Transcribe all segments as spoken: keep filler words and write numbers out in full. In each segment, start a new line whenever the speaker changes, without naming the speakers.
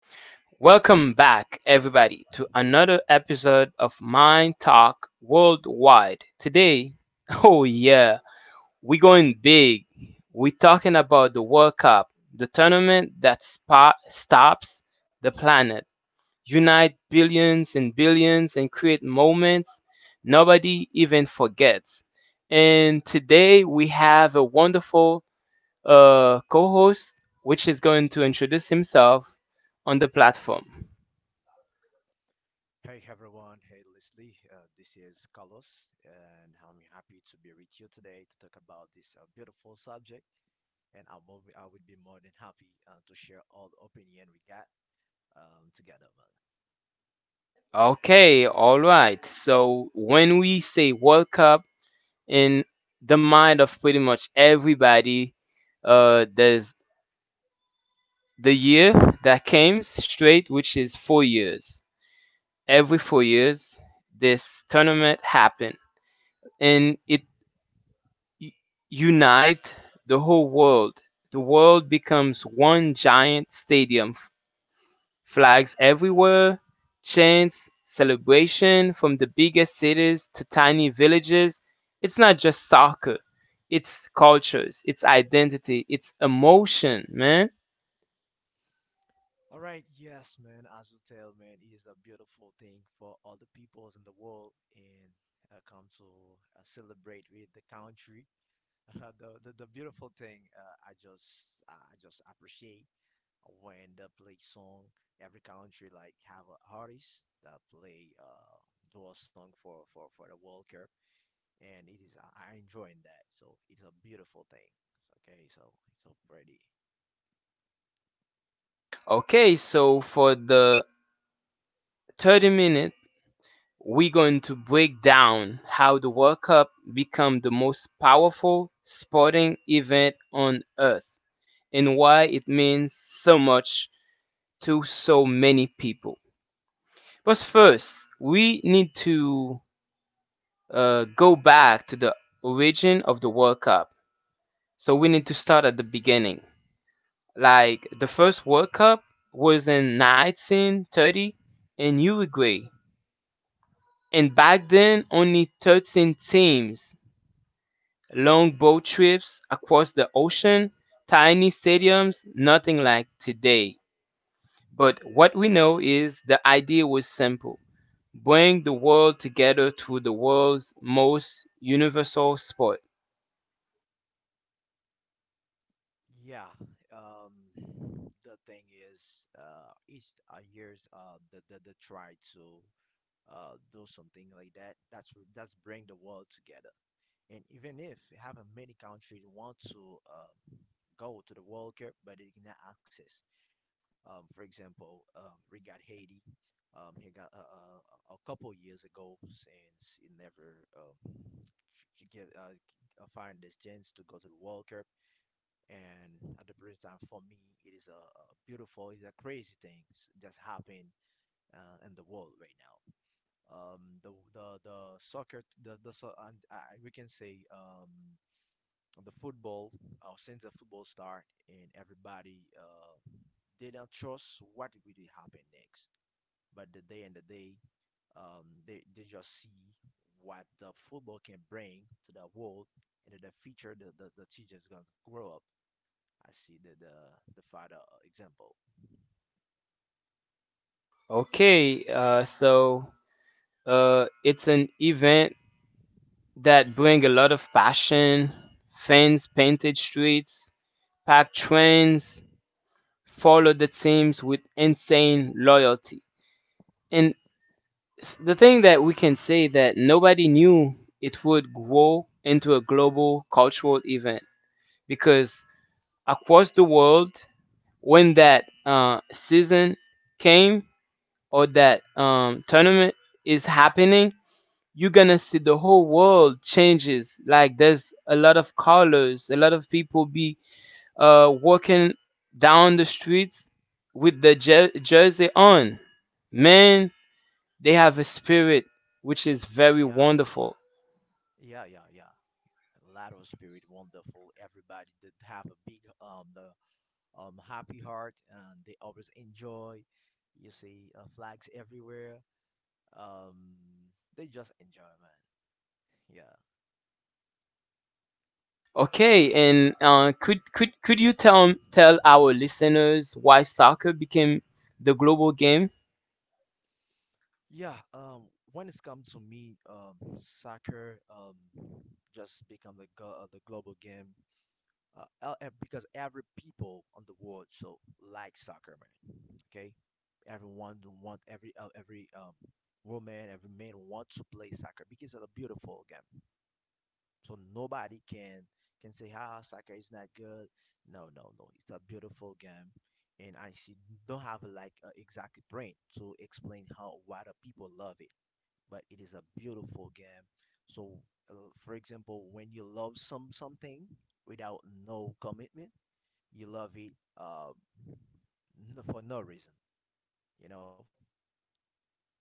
Welcome back, everybody, to another episode of Mind Talk Worldwide. Today, oh yeah, we're going big. We're talking about the World Cup, the tournament that spa- stops the planet, unite billions and billions, and create moments nobody even forgets. And today we have a wonderful uh, co-host, which is going to introduce himself on the platform.
Hey everyone, hey Leslie, uh, this is Carlos, and I'm happy to be with you today to talk about this uh, beautiful subject. And I'm, more- I would be more than happy uh, to share all the opinion we got um, together, man.
Okay, all right. So when we say World Cup, in the mind of pretty much everybody, uh, there's the year that came straight, which is four years. Every four years, this tournament happened, and it u- unite the whole world. The world becomes one giant stadium. Flags everywhere, chants, celebration from the biggest cities to tiny villages. It's not just soccer. It's cultures, it's identity, it's emotion, man.
All right, yes, man, as you tell, man, it is a beautiful thing for all the peoples in the world and uh, come to uh, celebrate with the country. the, the the beautiful thing uh, I just I just appreciate randomly song. Every country like have a artist that play uh do a song for for for the World Cup, and it is I enjoying that. So it's a beautiful thing. Okay, so it's so pretty.
Okay, so for the thirty minute, we're going to break down how the World Cup become the most powerful sporting event on earth and why it means so much to so many people. But first, we need to uh, go back to the origin of the World Cup. So we need to start at the beginning. Like the first World Cup was in nineteen thirty in Uruguay. And back then, only thirteen teams, long boat trips across the ocean, tiny stadiums, nothing like today. But what we know is the idea was simple: bring the world together through the world's most universal sport.
Yeah. Um, the thing is, uh, each uh, years uh the the, the try to uh do something like that. That's that's bring the world together. And even if having many countries want to uh, go to the World Cup, but they cannot access. Um, for example, um, we got Haiti. Um, he got uh, uh, a couple years ago since he never um, ch- ch- uh, uh, find this chance to go to the World Cup. And at the present time, for me, it is a, a beautiful, it's a crazy thing that's happened uh, in the world right now. Um, the the the soccer, the the so, and I, we can say um the football, uh, since the football start and everybody uh they don't trust what will really happen next. But the day and the day, um, they, they just see what the football can bring to the world and in the future the, the, the teacher is going to grow up. I see the, the, the father uh, example.
Okay, uh, so uh, it's an event that bring a lot of passion, fans painted streets, packed trains, follow the teams with insane loyalty. And s- the thing that we can say that nobody knew it would grow into a global cultural event, because across the world when that uh, season came, or that um, tournament is happening, you're gonna see the whole world changes. Like there's a lot of colors, a lot of people be uh, walking down the streets with the jer- jersey on, man. They have a spirit which is very
Yeah,
wonderful.
yeah, yeah, yeah. Lateral spirit, wonderful. Everybody that have a big um the um happy heart and they always enjoy. You see uh, flags everywhere. Um, they just enjoy, man. Yeah.
Okay, and uh, could could could you tell tell our listeners why soccer became the global game?
Yeah, um, when it's come to me, um, soccer, um, just become the go- uh, the global game, uh, el- eh, because every people on the world so like soccer, man. Okay, everyone want every uh, every um woman, every man want to play soccer because it's a beautiful game. So nobody can can say, "Ah, soccer is not good." No, no, no. It's a beautiful game, and I see don't have like uh, exactly brain to explain how why the people love it but it is a beautiful game. So, uh, for example, when you love some something without no commitment, you love it uh, n- for no reason. You know,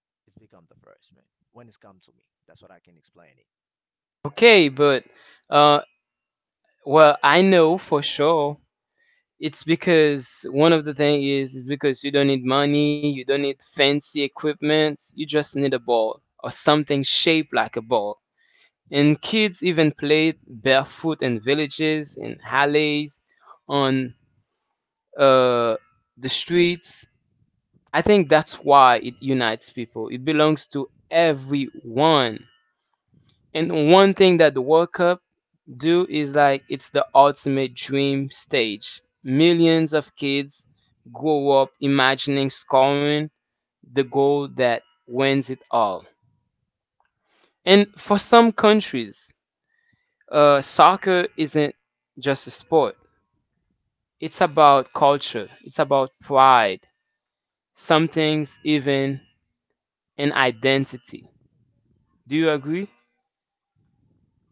it's become the first man. When it's come to me, that's what I can explain it.
Okay, but uh, well, I know for sure it's because one of the thing is because you don't need money, you don't need fancy equipment, you just need a ball or something shaped like a ball. And kids even played barefoot in villages, in alleys, on uh, the streets. I think that's why it unites people. It belongs to everyone. And one thing that the World Cup do is like it's the ultimate dream stage. Millions of kids grow up imagining scoring the goal that wins it all. And for some countries, uh, soccer isn't just a sport. It's about culture, it's about pride, some things even an identity. Do you agree?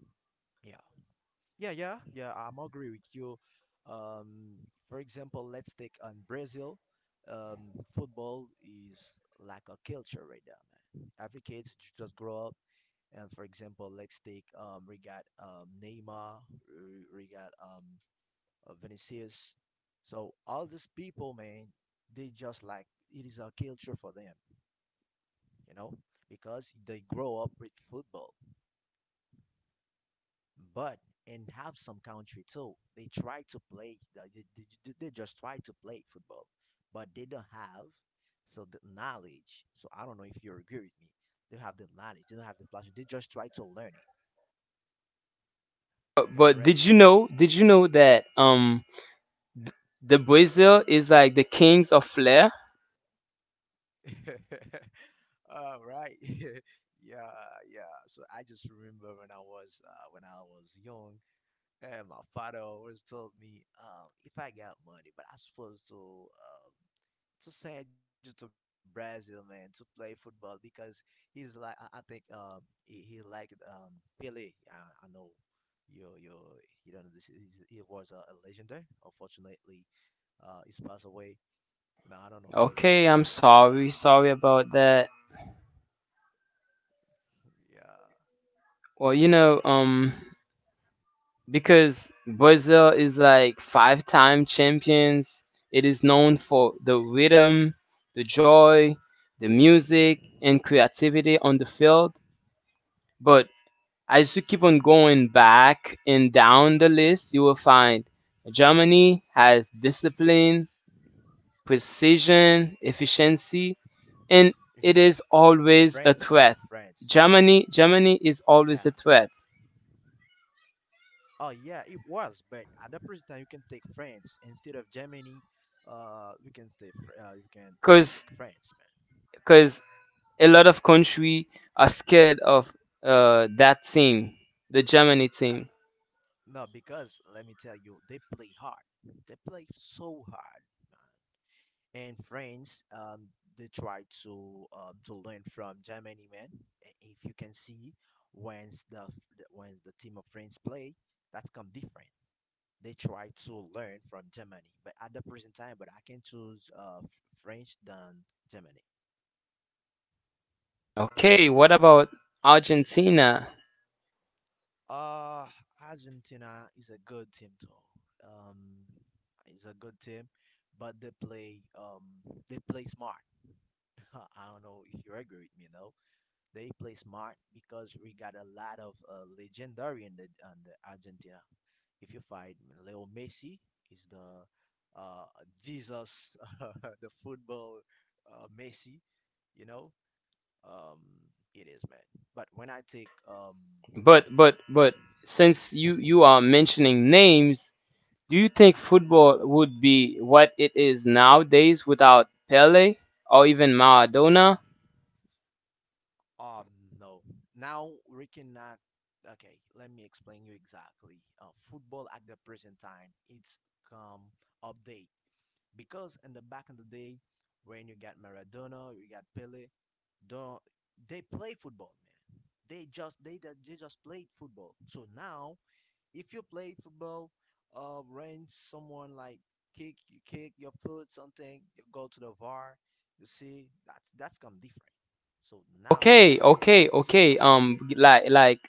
Yeah, yeah, yeah, yeah. I'm agree with you. Um, for example, let's take on Brazil. Um, football is like a culture right now. Every kids j- just grow up. And for example, let's take um, we got um, Neymar, we- we got um, uh, Vinicius. So all these people, man, they just like it is a culture for them, you know, because they grow up with football. But and have some country too, they try to play. uh, They, they, they just try to play football, but they don't have so the knowledge. So I don't know if you agree with me. They have the knowledge. They don't have the passion. They just try to learn it.
But,
Am I
but did
right?
you know, did you know that um th- the Brazil is like the kings of flair?
All right. yeah, yeah. So I just remember when I was uh, when I was young, and my father always told me, um, if I got money, but I supposed to um, to send you to Brazil, man, to play football because he's like I, I think um he, he liked um Pele. I, I know you you you don't know this is he was a, a legendary. Unfortunately, uh, he's passed away. Now I don't know if you
Okay,
read it.
I'm sorry, sorry about that.
Yeah,
Well, you know, um, because Brazil is like five-time champions, it is known for the rhythm, the joy, the music, and creativity on the field. But as you keep on going back and down the list, you will find Germany has discipline, precision, efficiency, and
Fran-
it is
France
always a
though
threat.
France.
Germany, Germany is
Yeah,
always a threat
oh yeah, it was, but at the present time you can take France instead of Germany. Uh, you can stay. Fr- Uh, you can um take
because
France, man.
because a lot of country are scared of uh, that team, the Germany
Uh,
team.
no, because let me tell you, they play hard. They play so hard, man. And France, um, they try to um to learn from Germany, man. I- If you can see, when the f- the- when the team of France play, that's come different. They try to learn from Germany, but at the present time, but I can choose uh f- French than Germany. Yeah.
Okay, what about Argentina?
Uh, Argentina is a good team though. Um, it's a good team, but they play um they play smart. I don't know if you agree with me, no. They play smart because we got a lot of uh, legendary in the, on the Argentina. If you find Leo Messi is the uh Jesus, the football uh, Messi, you know. Um, it is man. But when I take um.
But but but since
Mhm.
you you are mentioning names, do you think football would be what it is nowadays without Pele or even Maradona?
Um, no. Now we cannot. Okay, let me explain you exactly. Uh, football at the present time, it's come update because in the back in the day, when you got Maradona, you got Pele, don't they play football, man? They just they they just played football. So now if you play football, uh, range someone like kick, you kick your foot, something, you go to the V A R, you see that's that's come different. So now get
Okay,
football,
okay,
it just
okay.
come
Um,
update
like, like,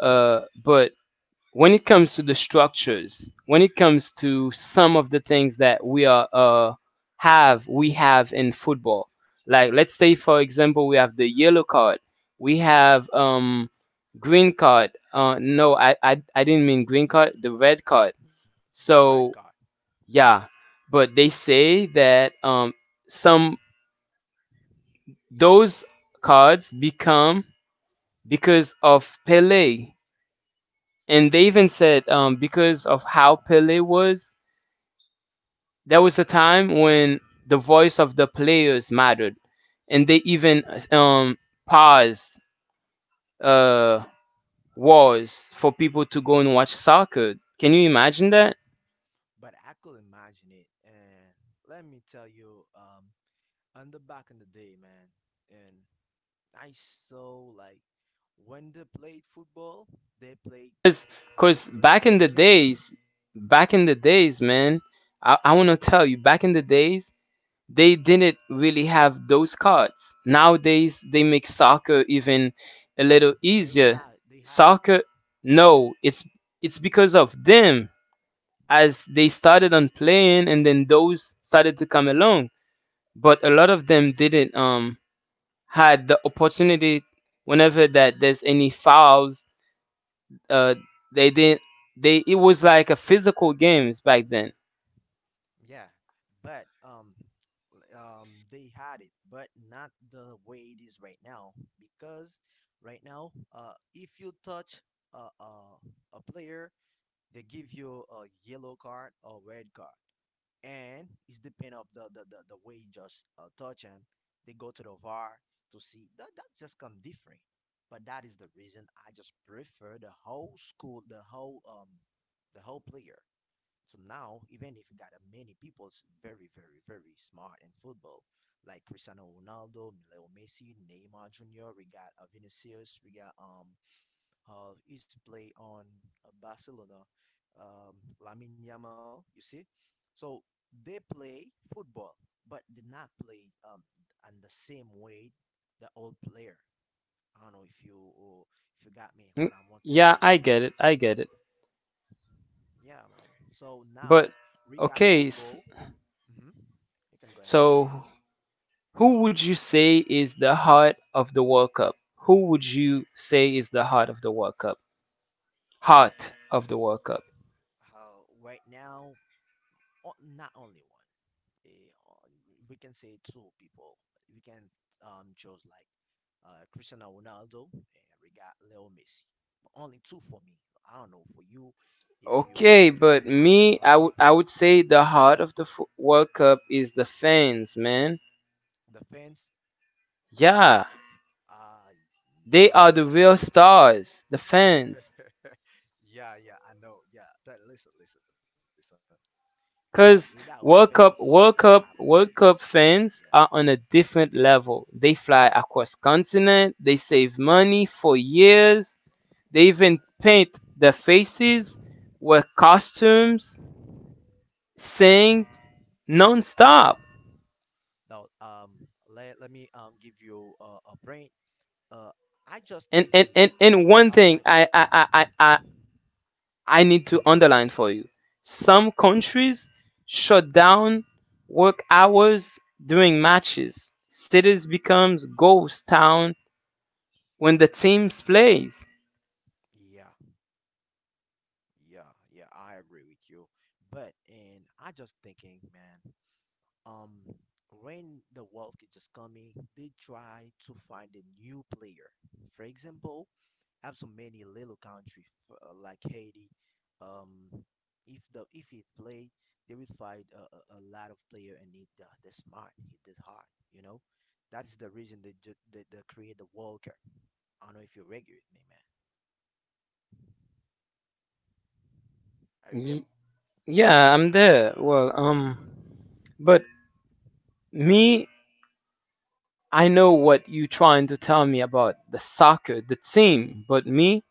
uh, but when it comes to the structures, when it comes to some of the things that we are uh, have we have in football, like let's say for example we have the yellow card, we have um, green card. Uh, no, I, I I didn't mean green card, the red card.
the red card.
So yeah, but they say that um, some those cards become because of Pele, and they even said um, because of how Pele was. There was a time when the voice of the players mattered, and they even um, paused uh, wars for people to go and watch soccer. Can you imagine that?
But I could imagine it, and let me tell you, um, on the back in the day, man, and I saw like when they played football, they played I can
Because
they
back in
played
the
camp.
days, back in the days, man, I, I want to tell you, back in the days, they didn't really have those cards. Nowadays, they make soccer even a
No,
little
they
easier.
had they had it,
Soccer,
man.
no, it's it's because of them, as they started on playing and then those started to come along, but a lot of them
Okay.
didn't um had the opportunity whenever that there's any fouls, uh they didn't, they it was like a physical games back then.
Yeah, but um, l- um, they had it, but not the way it is right now. Because right now, uh, if you touch a a, a player, they give you a yellow card or red card, and it's depend of the the the, the way you just uh, touch him. They go to the V A R to see that that just come different. But that is the reason I just prefer the whole school, the whole um, the whole player. So now, even if you got a many people's very, very, very smart in football, like Cristiano Ronaldo, Leo Messi, Neymar Junior, we got uh, Vinicius, we got um, uh, he's play on uh, Barcelona, um, Lamine Yamal. You see, so they play football, but they not play um in the same way the old player. I don't know if you or if you got me
Mm,
what I want to tell
yeah,
you.
i get it i get it
Yeah, man. So
but
now we got
okay s-
football. Hmm. You can go ahead.
so who would you say is the heart of the World Cup? Who would you say is the heart of the world cup heart of the world cup
How right now, o- not only one. eh, uh, we can say two people. We can um choose like uh Cristiano Ronaldo and we got Leo Messi. But only two for me. I don't know for you if you
Okay, but
can add
me, I
some
would I
people.
would say the heart of the Fo- World Cup is the fans, man.
The fans,
Yeah,
uh,
they are
bro,
the real stars, the fans.
yeah, yeah, I know. Yeah, that, listen, listen, listen. But without
Cause
fans, you
World
don't have
Cup,
a
World
player.
Cup, World
Yeah.
Cup fans are on a different level. They fly across continent. They save money for years. They even paint their faces, wear costumes, sing non-stop.
Now, um, let, let me um give you uh, a brain. Uh, I just
And and
thinking
and,
y-
and
uh,
one
last
thing
night.
I I I I I need to
Hmm.
underline for you. Some countries shut down work hours during matches. Cities becomes ghost town when the teams plays.
Yeah, yeah, yeah. I agree with you. But and I just thinking, man. Um, when the World Cup just coming, they try to find a new player. For example, have so many little country uh, like Haiti, um if the if he play they will find a, a, a lot of player and need the, the smart hit the hard you know that's the reason they ju- they, they create the walker. I don't know if you agree with me, man. Are you there?
Y-
Yeah.
yeah, I'm there. Well, um, but me, I know what you trying to tell me about the soccer, the team. But me,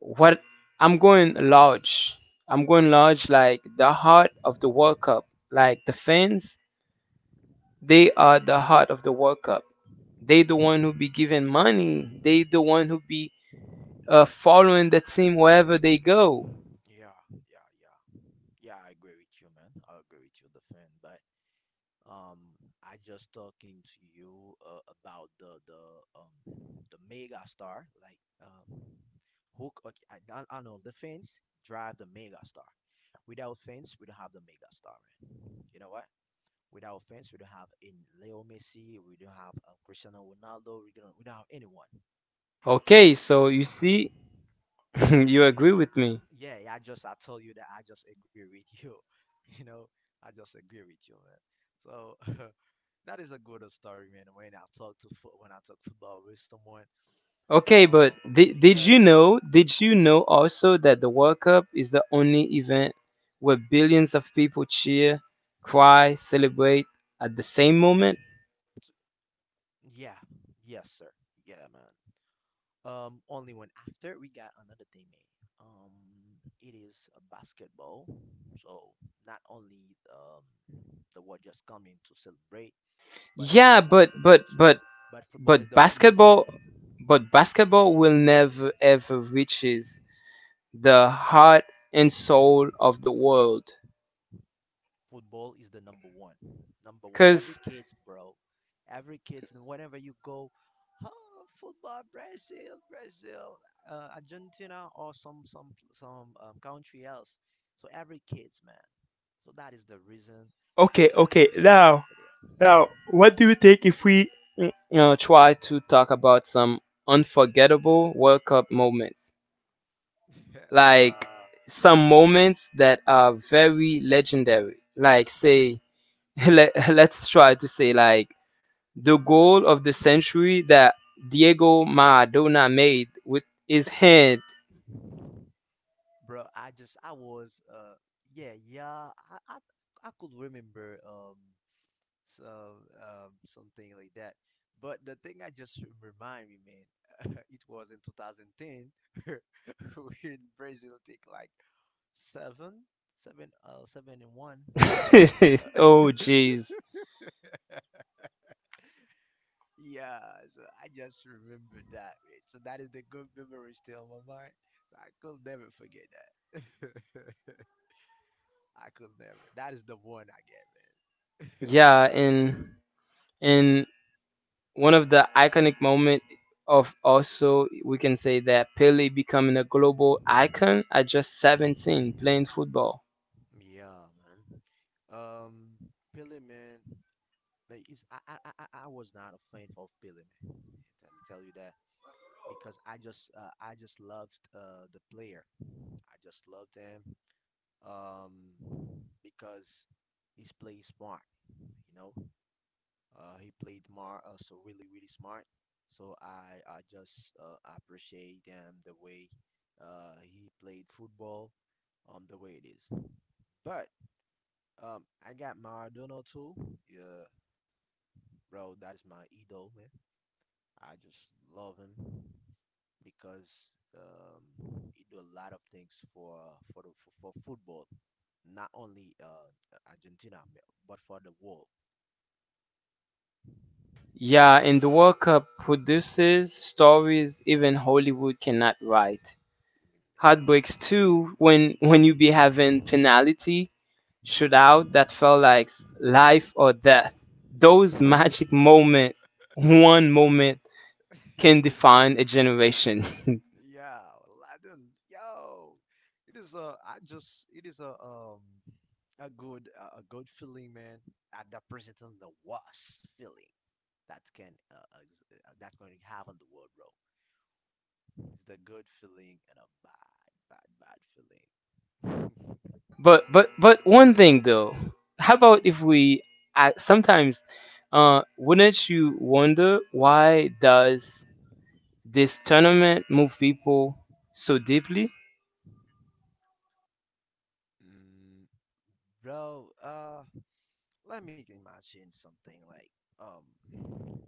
what I'm going large. I'm going large, like the heart of the World Cup, like the fans. They are the heart of the World Cup. They the one who be
Mhm.
giving money. They the one who be uh, following the team wherever they go.
yeah yeah yeah yeah, I agree with you, man. I agree with you the fan but Um, I just talking to you uh, about the the um the mega star like um hook. Okay, I, I, I know the fence drive the mega star. Without fence, we don't have the mega star, man. You know what? Without fence, we don't have in Leo Messi. We don't have uh, Cristiano Ronaldo. We don't we don't have anyone.
Okay, so you see, you agree with me.
Yeah, yeah, I just I told you that I just agree with you. You know, I just agree with you, man. So. That is a good old story, man. When I talk to fo- when I talk football with someone,
Okay,
Um,
but did,
because
did you know?
I,
Did you know also that the World Cup is the only event where billions of people cheer, cry, celebrate at the same moment?
t- yeah, yes, sir, yeah, man. Um, only when after we got another teammate. Um, it is a basketball. So not only um the world just coming to celebrate, but we
Yeah,
got
but
basketball
but
too.
but
But football
but
is the wa- number one.
basketball, but basketball will never ever reaches the
Yeah,
heart and soul of the world.
football is the number one. Number one.
Because,
Every kids, bro. Every kids. Whenever you go, oh, football, Brazil, Brazil, uh, Argentina, or some some some um, country else. So every kids, man. So that is the reason
okay,
I just
okay, now,
passionate for
Now, what do you think if we, you know, try to talk about some unforgettable World Cup moments?
that.
Like,
uh,
some moments that are very legendary. Like, say, let, let's try to say, like, the goal of the century that Diego Maradona made with his hand.
bro, I just I was uh yeah yeah I I, I, could remember um so um, um, something like that. But the thing I just remind me, man, it was in two thousand ten when Brazil take like seven, seven, uh, seven and one. Uh,
Oh, jeez.
yeah, so I just remember that, man. So that is the good memory still in my mind. So I could never forget that. I could never. That is the one I get, man.
Yeah, and And one of the iconic moment of, also we can say that Pele becoming a global icon at just seventeen playing football.
Yeah, man. Um, Pele, man, like, is I, I I I I was not a fan of Pele, man. I'm tell you that because I just uh, I just loved uh the player. I just loved him. Um, because he's playing smart, you know. Uh, he played more uh, so really really smart. So I I just uh, appreciate him the way uh he played football, um the way it is. But Um, I got Maradona too. Yeah, bro, that's my idol, man. I just love him because um, he do a lot of things for for the for, for football, not only uh Argentina, but for the world.
Yeah, and the World Cup produces stories even Hollywood cannot write. Heartbreaks too when when you be having penalty shootout that felt like life or death. Those
Mm.
magic moment, one moment
Yeah.
can define a generation.
Yeah, Aladdin. Yo, it is a. I just. It is a um a good a a good feeling, man. At the presenting the worst feeling that can uh, ex- uh, that going to have on the world, bro. It's the good feeling and a bad, bad, bad feeling.
But but but one thing though, how about if we uh, sometimes uh wouldn't you wonder why does this tournament move people so deeply?
Mm, bro, uh, let me imagine something like um,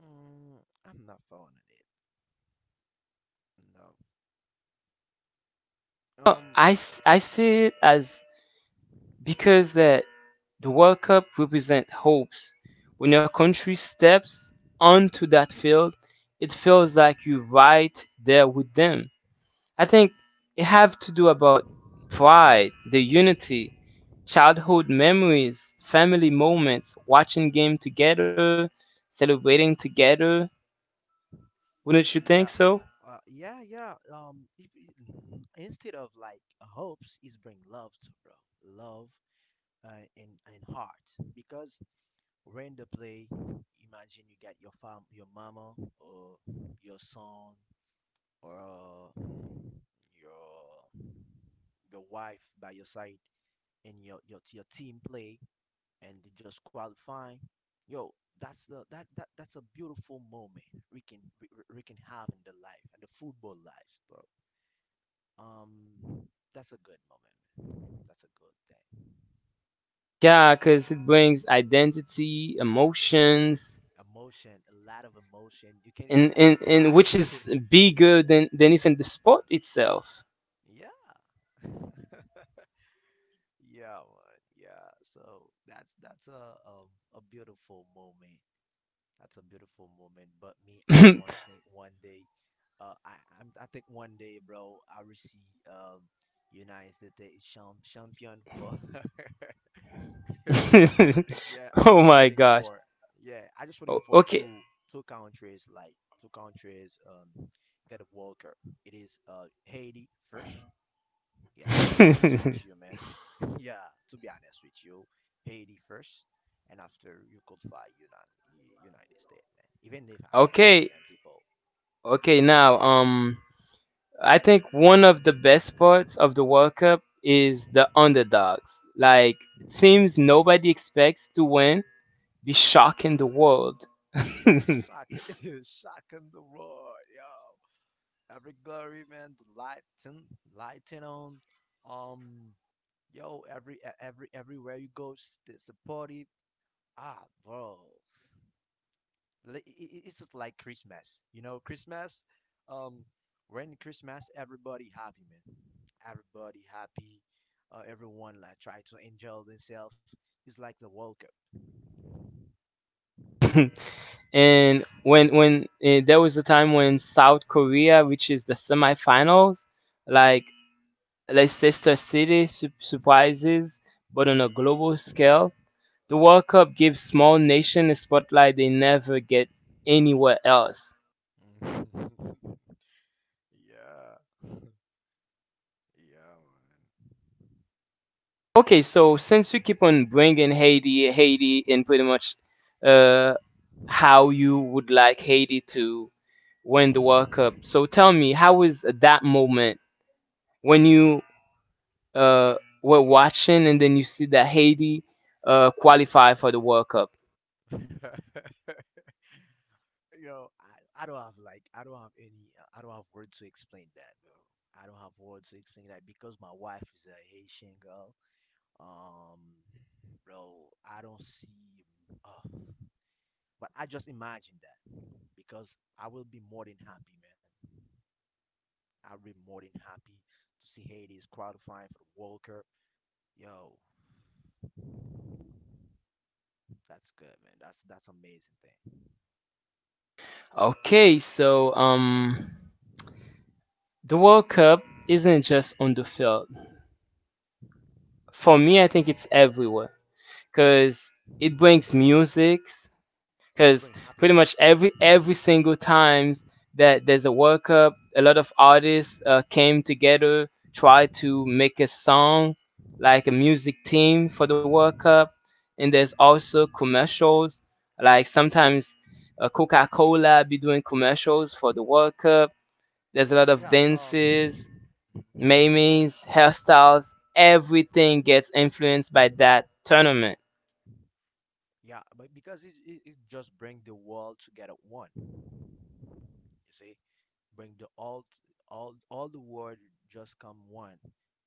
mm, I'm not following it. No.
Well,
Um,
I s- I see it as because that the World Cup represent hopes. When your country steps onto that field, it feels like you're right there with them. I think it have to do about pride, the unity, childhood memories, family moments, watching game together, celebrating together. Wouldn't you think
Yeah,
so?
uh, yeah, yeah. Um, if, i- instead of like hopes, is bring love to bro, love uh, and and heart. Because when the play, imagine you got your fam, your mama, or your son, or uh, your your wife by your side, and your your your team play, and they just qualifying. Yo, that's the that that that's a beautiful moment we can we, we we can have in the life and the football life, bro. um that's a good moment, man. That's a good thing.
Yeah, because it brings identity, emotions,
Emotion, a lot of emotion, you can you
and,
could
and, and
cry.
which is bigger than, than even the sport itself.
yeah. yeah, man, yeah, so that's that's a um a beautiful moment. That's a beautiful moment, but me, I
Oh
want think one day. Uh i I'm, i think one day, bro, I will see um United States champ- champion for. Yeah, I just
my
waiting
gosh.
for. Yeah, I just waiting
O-
for
okay.
two two countries like two countries um get a World Cup. It is uh Haiti first. Yes, to be honest with you, man. Yeah, to be honest with you, Haiti first, and after you could find United United States, man. Even if I'm
Okay.
American, people,
Okay, now um I think one of the best parts of the World Cup is the underdogs. Like teams nobody expects to win be shocking the world.
yeah,
And
shock, shock in the world, yo. Every glory, man. The lighten lighting on. Um, Yo, every e- every everywhere you go, s- there's a. Ah, bro, Li- i- i- it's just like Christmas. You know, Christmas. Um, when Christmas, everybody happy, man. Everybody happy. Uh, everyone like try to enjoy themselves. It's like the World Cup.
when when eh, there was a time when South Korea reaches the semifinals, like Leicester City su- surprises, but on a global scale, the World Cup gives small nations a spotlight they never get anywhere else.
yeah, yeah,
Okay, so since you keep on bringing Haiti, Haiti, and pretty much uh, how you would like Haiti to win the World Cup, so tell me, how was that moment when you uh, were watching and then you see that Haiti uh, qualify for the World Cup?
man. you know, I, I don't have like I don't have any uh, I don't have words to explain that, bro. I don't have words to explain that because my wife is a Haitian girl. Um, Bro, I don't see. Uh, but I just imagine that because I will be more than happy, man. I'll be more than happy to see Haiti's qualifying for the World Cup. Yo, that's good, man. That's that's amazing thing.
Okay, so um, the World Cup isn't just on the field. For me, I
Yeah,
think it's everywhere, because it brings musics,
it's
because
bring
pretty much
happiness. It's,
every every single times that there's a World Cup, a lot of artists uh, came together, tried to make a song like a music team for the World Cup, and there's also commercials like sometimes uh, Coca-Cola be doing commercials for the World Cup. There's a lot of
yeah. Um,
dances, memes, hairstyles. Everything gets influenced by that tournament.
yeah, but because it, it, it just bring the world together one, you see, bring the all t- all all the world just come one.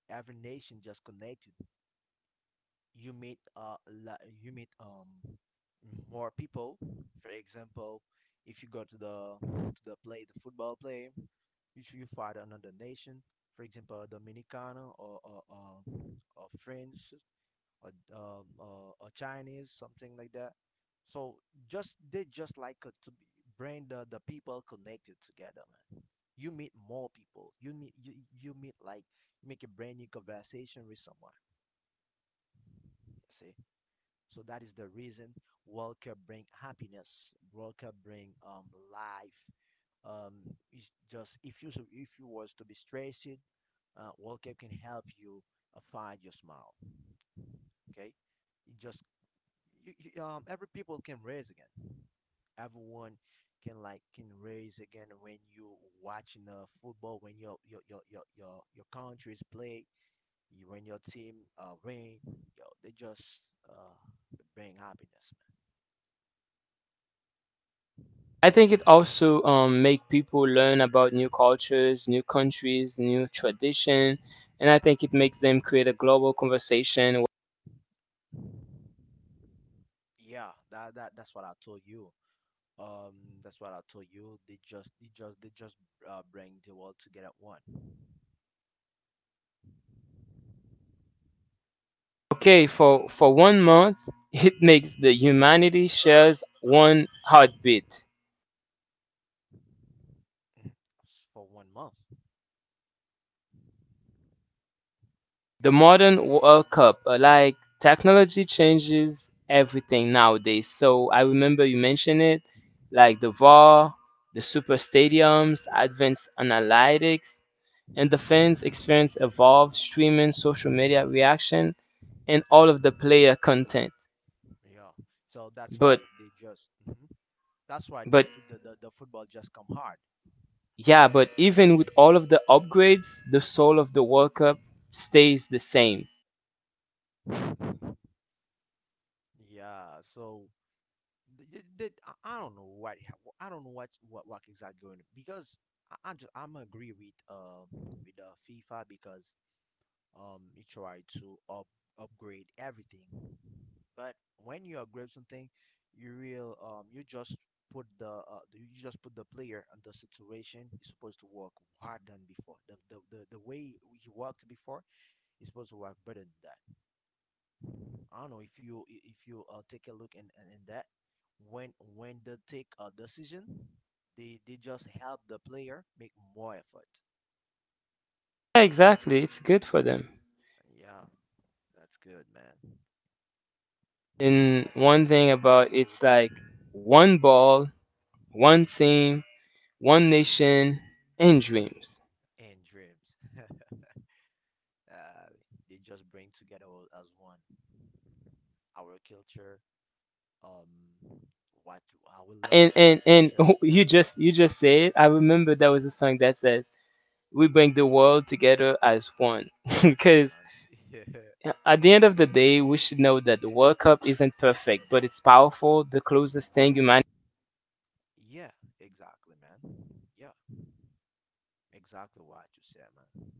Every nation just connected. You meet uh la- you meet um more people. For example, if you go to the to the play the football play, you should you find another nation. For example, Dominicana or or, or, um, or French a, um, a, a Chinese, something like that. So just they just like uh, to be- bring the, the people connected together, man. You meet more people. You meet you, you meet like you make a brand new conversation with someone. You see, so that is the reason World Cup bring happiness. World Cup bring um life. Um, it's just, if you if you was to be stressed, uh, World Cup can help you uh, find your smile. Okay, it just you, you, um, every people can raise again. Everyone can like can raise again when you watching uh, football, when your your your your your, your countries play, you, when your team uh, win, yo, they just uh, bring happiness, man.
I think it also um, make people learn about new cultures, new countries, new tradition, and I think it makes them create a global conversation.
Yeah, that, that that's what I told you. Um, that's what I told you. They just they just they just uh, bring the world together at one.
Okay, for for one month, it makes the humanity shares one heartbeat.
S- for one month.
The modern World Cup, uh, like technology changes everything nowadays. So I remember you mentioned it, like the V A R, the super stadiums, advanced analytics and the fans experience evolved streaming, social media reaction, and all
Yeah,
of the player content.
yeah. So that's
But
why they just mhm. That's why the,
but
f- the the the football just come hard.
yeah, but even with all of the upgrades, the soul of the World Cup stays the same.
Yeah, so th th th- I I don't know what I don't know what what what is that going, because I, I just I'm agree with um with uh, FIFA, because um it tried to up upgrade everything, but when you upgrade something, you real um you just put the uh, the- you just put the player and the situation is supposed to work hard than before. The the the, the way he worked before is supposed to work better than that. I don't know if you if you uh, take a look in, in in that, when when they take a decision, they they just help the player make more effort.
Yeah, exactly. It's good for them.
Yeah, that's good, man.
And
But have
one
some
thing
not
about
agree
it's
with
like
that
one ball, one team, one nation, and dreams.
and dreams. uh, they just bring together all as one, our culture, um, what our
And
loves, what
and
we
and
share
you
together.
just you just said, I remember there was a song that says we bring the world together as one.
Yeah,
Because
man. Yeah,
at the end
we
of the
bring.
day, we should know that the World Cup isn't perfect, but it's powerful, the closest thing humanity.
Yeah, exactly, man. Yeah, exactly what you said, man.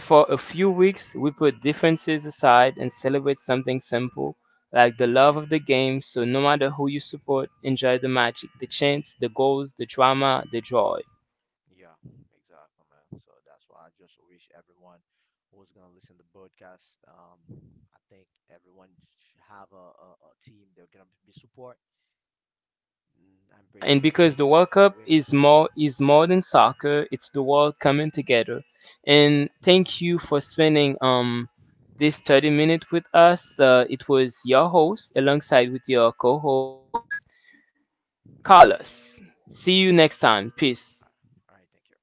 For a few weeks, we put differences aside and celebrate something simple, like the love of the game. So no matter who you support, enjoy the magic, the chants, the goals, the drama, the joy.
Yeah, exactly, man. So that's why I just wish everyone who's gonna listen to podcast, um, I think everyone should have a, a, a team they're gonna be support. Mm, I'm pretty
And
sure
because the World
if you
Cup
win,
is more is more than soccer, it's the world coming together.
yeah.
And thank you for spending um this thirty minute with us. Uh, it was your host alongside with your co-host Carlos. See you next time. Peace.
All right, all right. Thank you.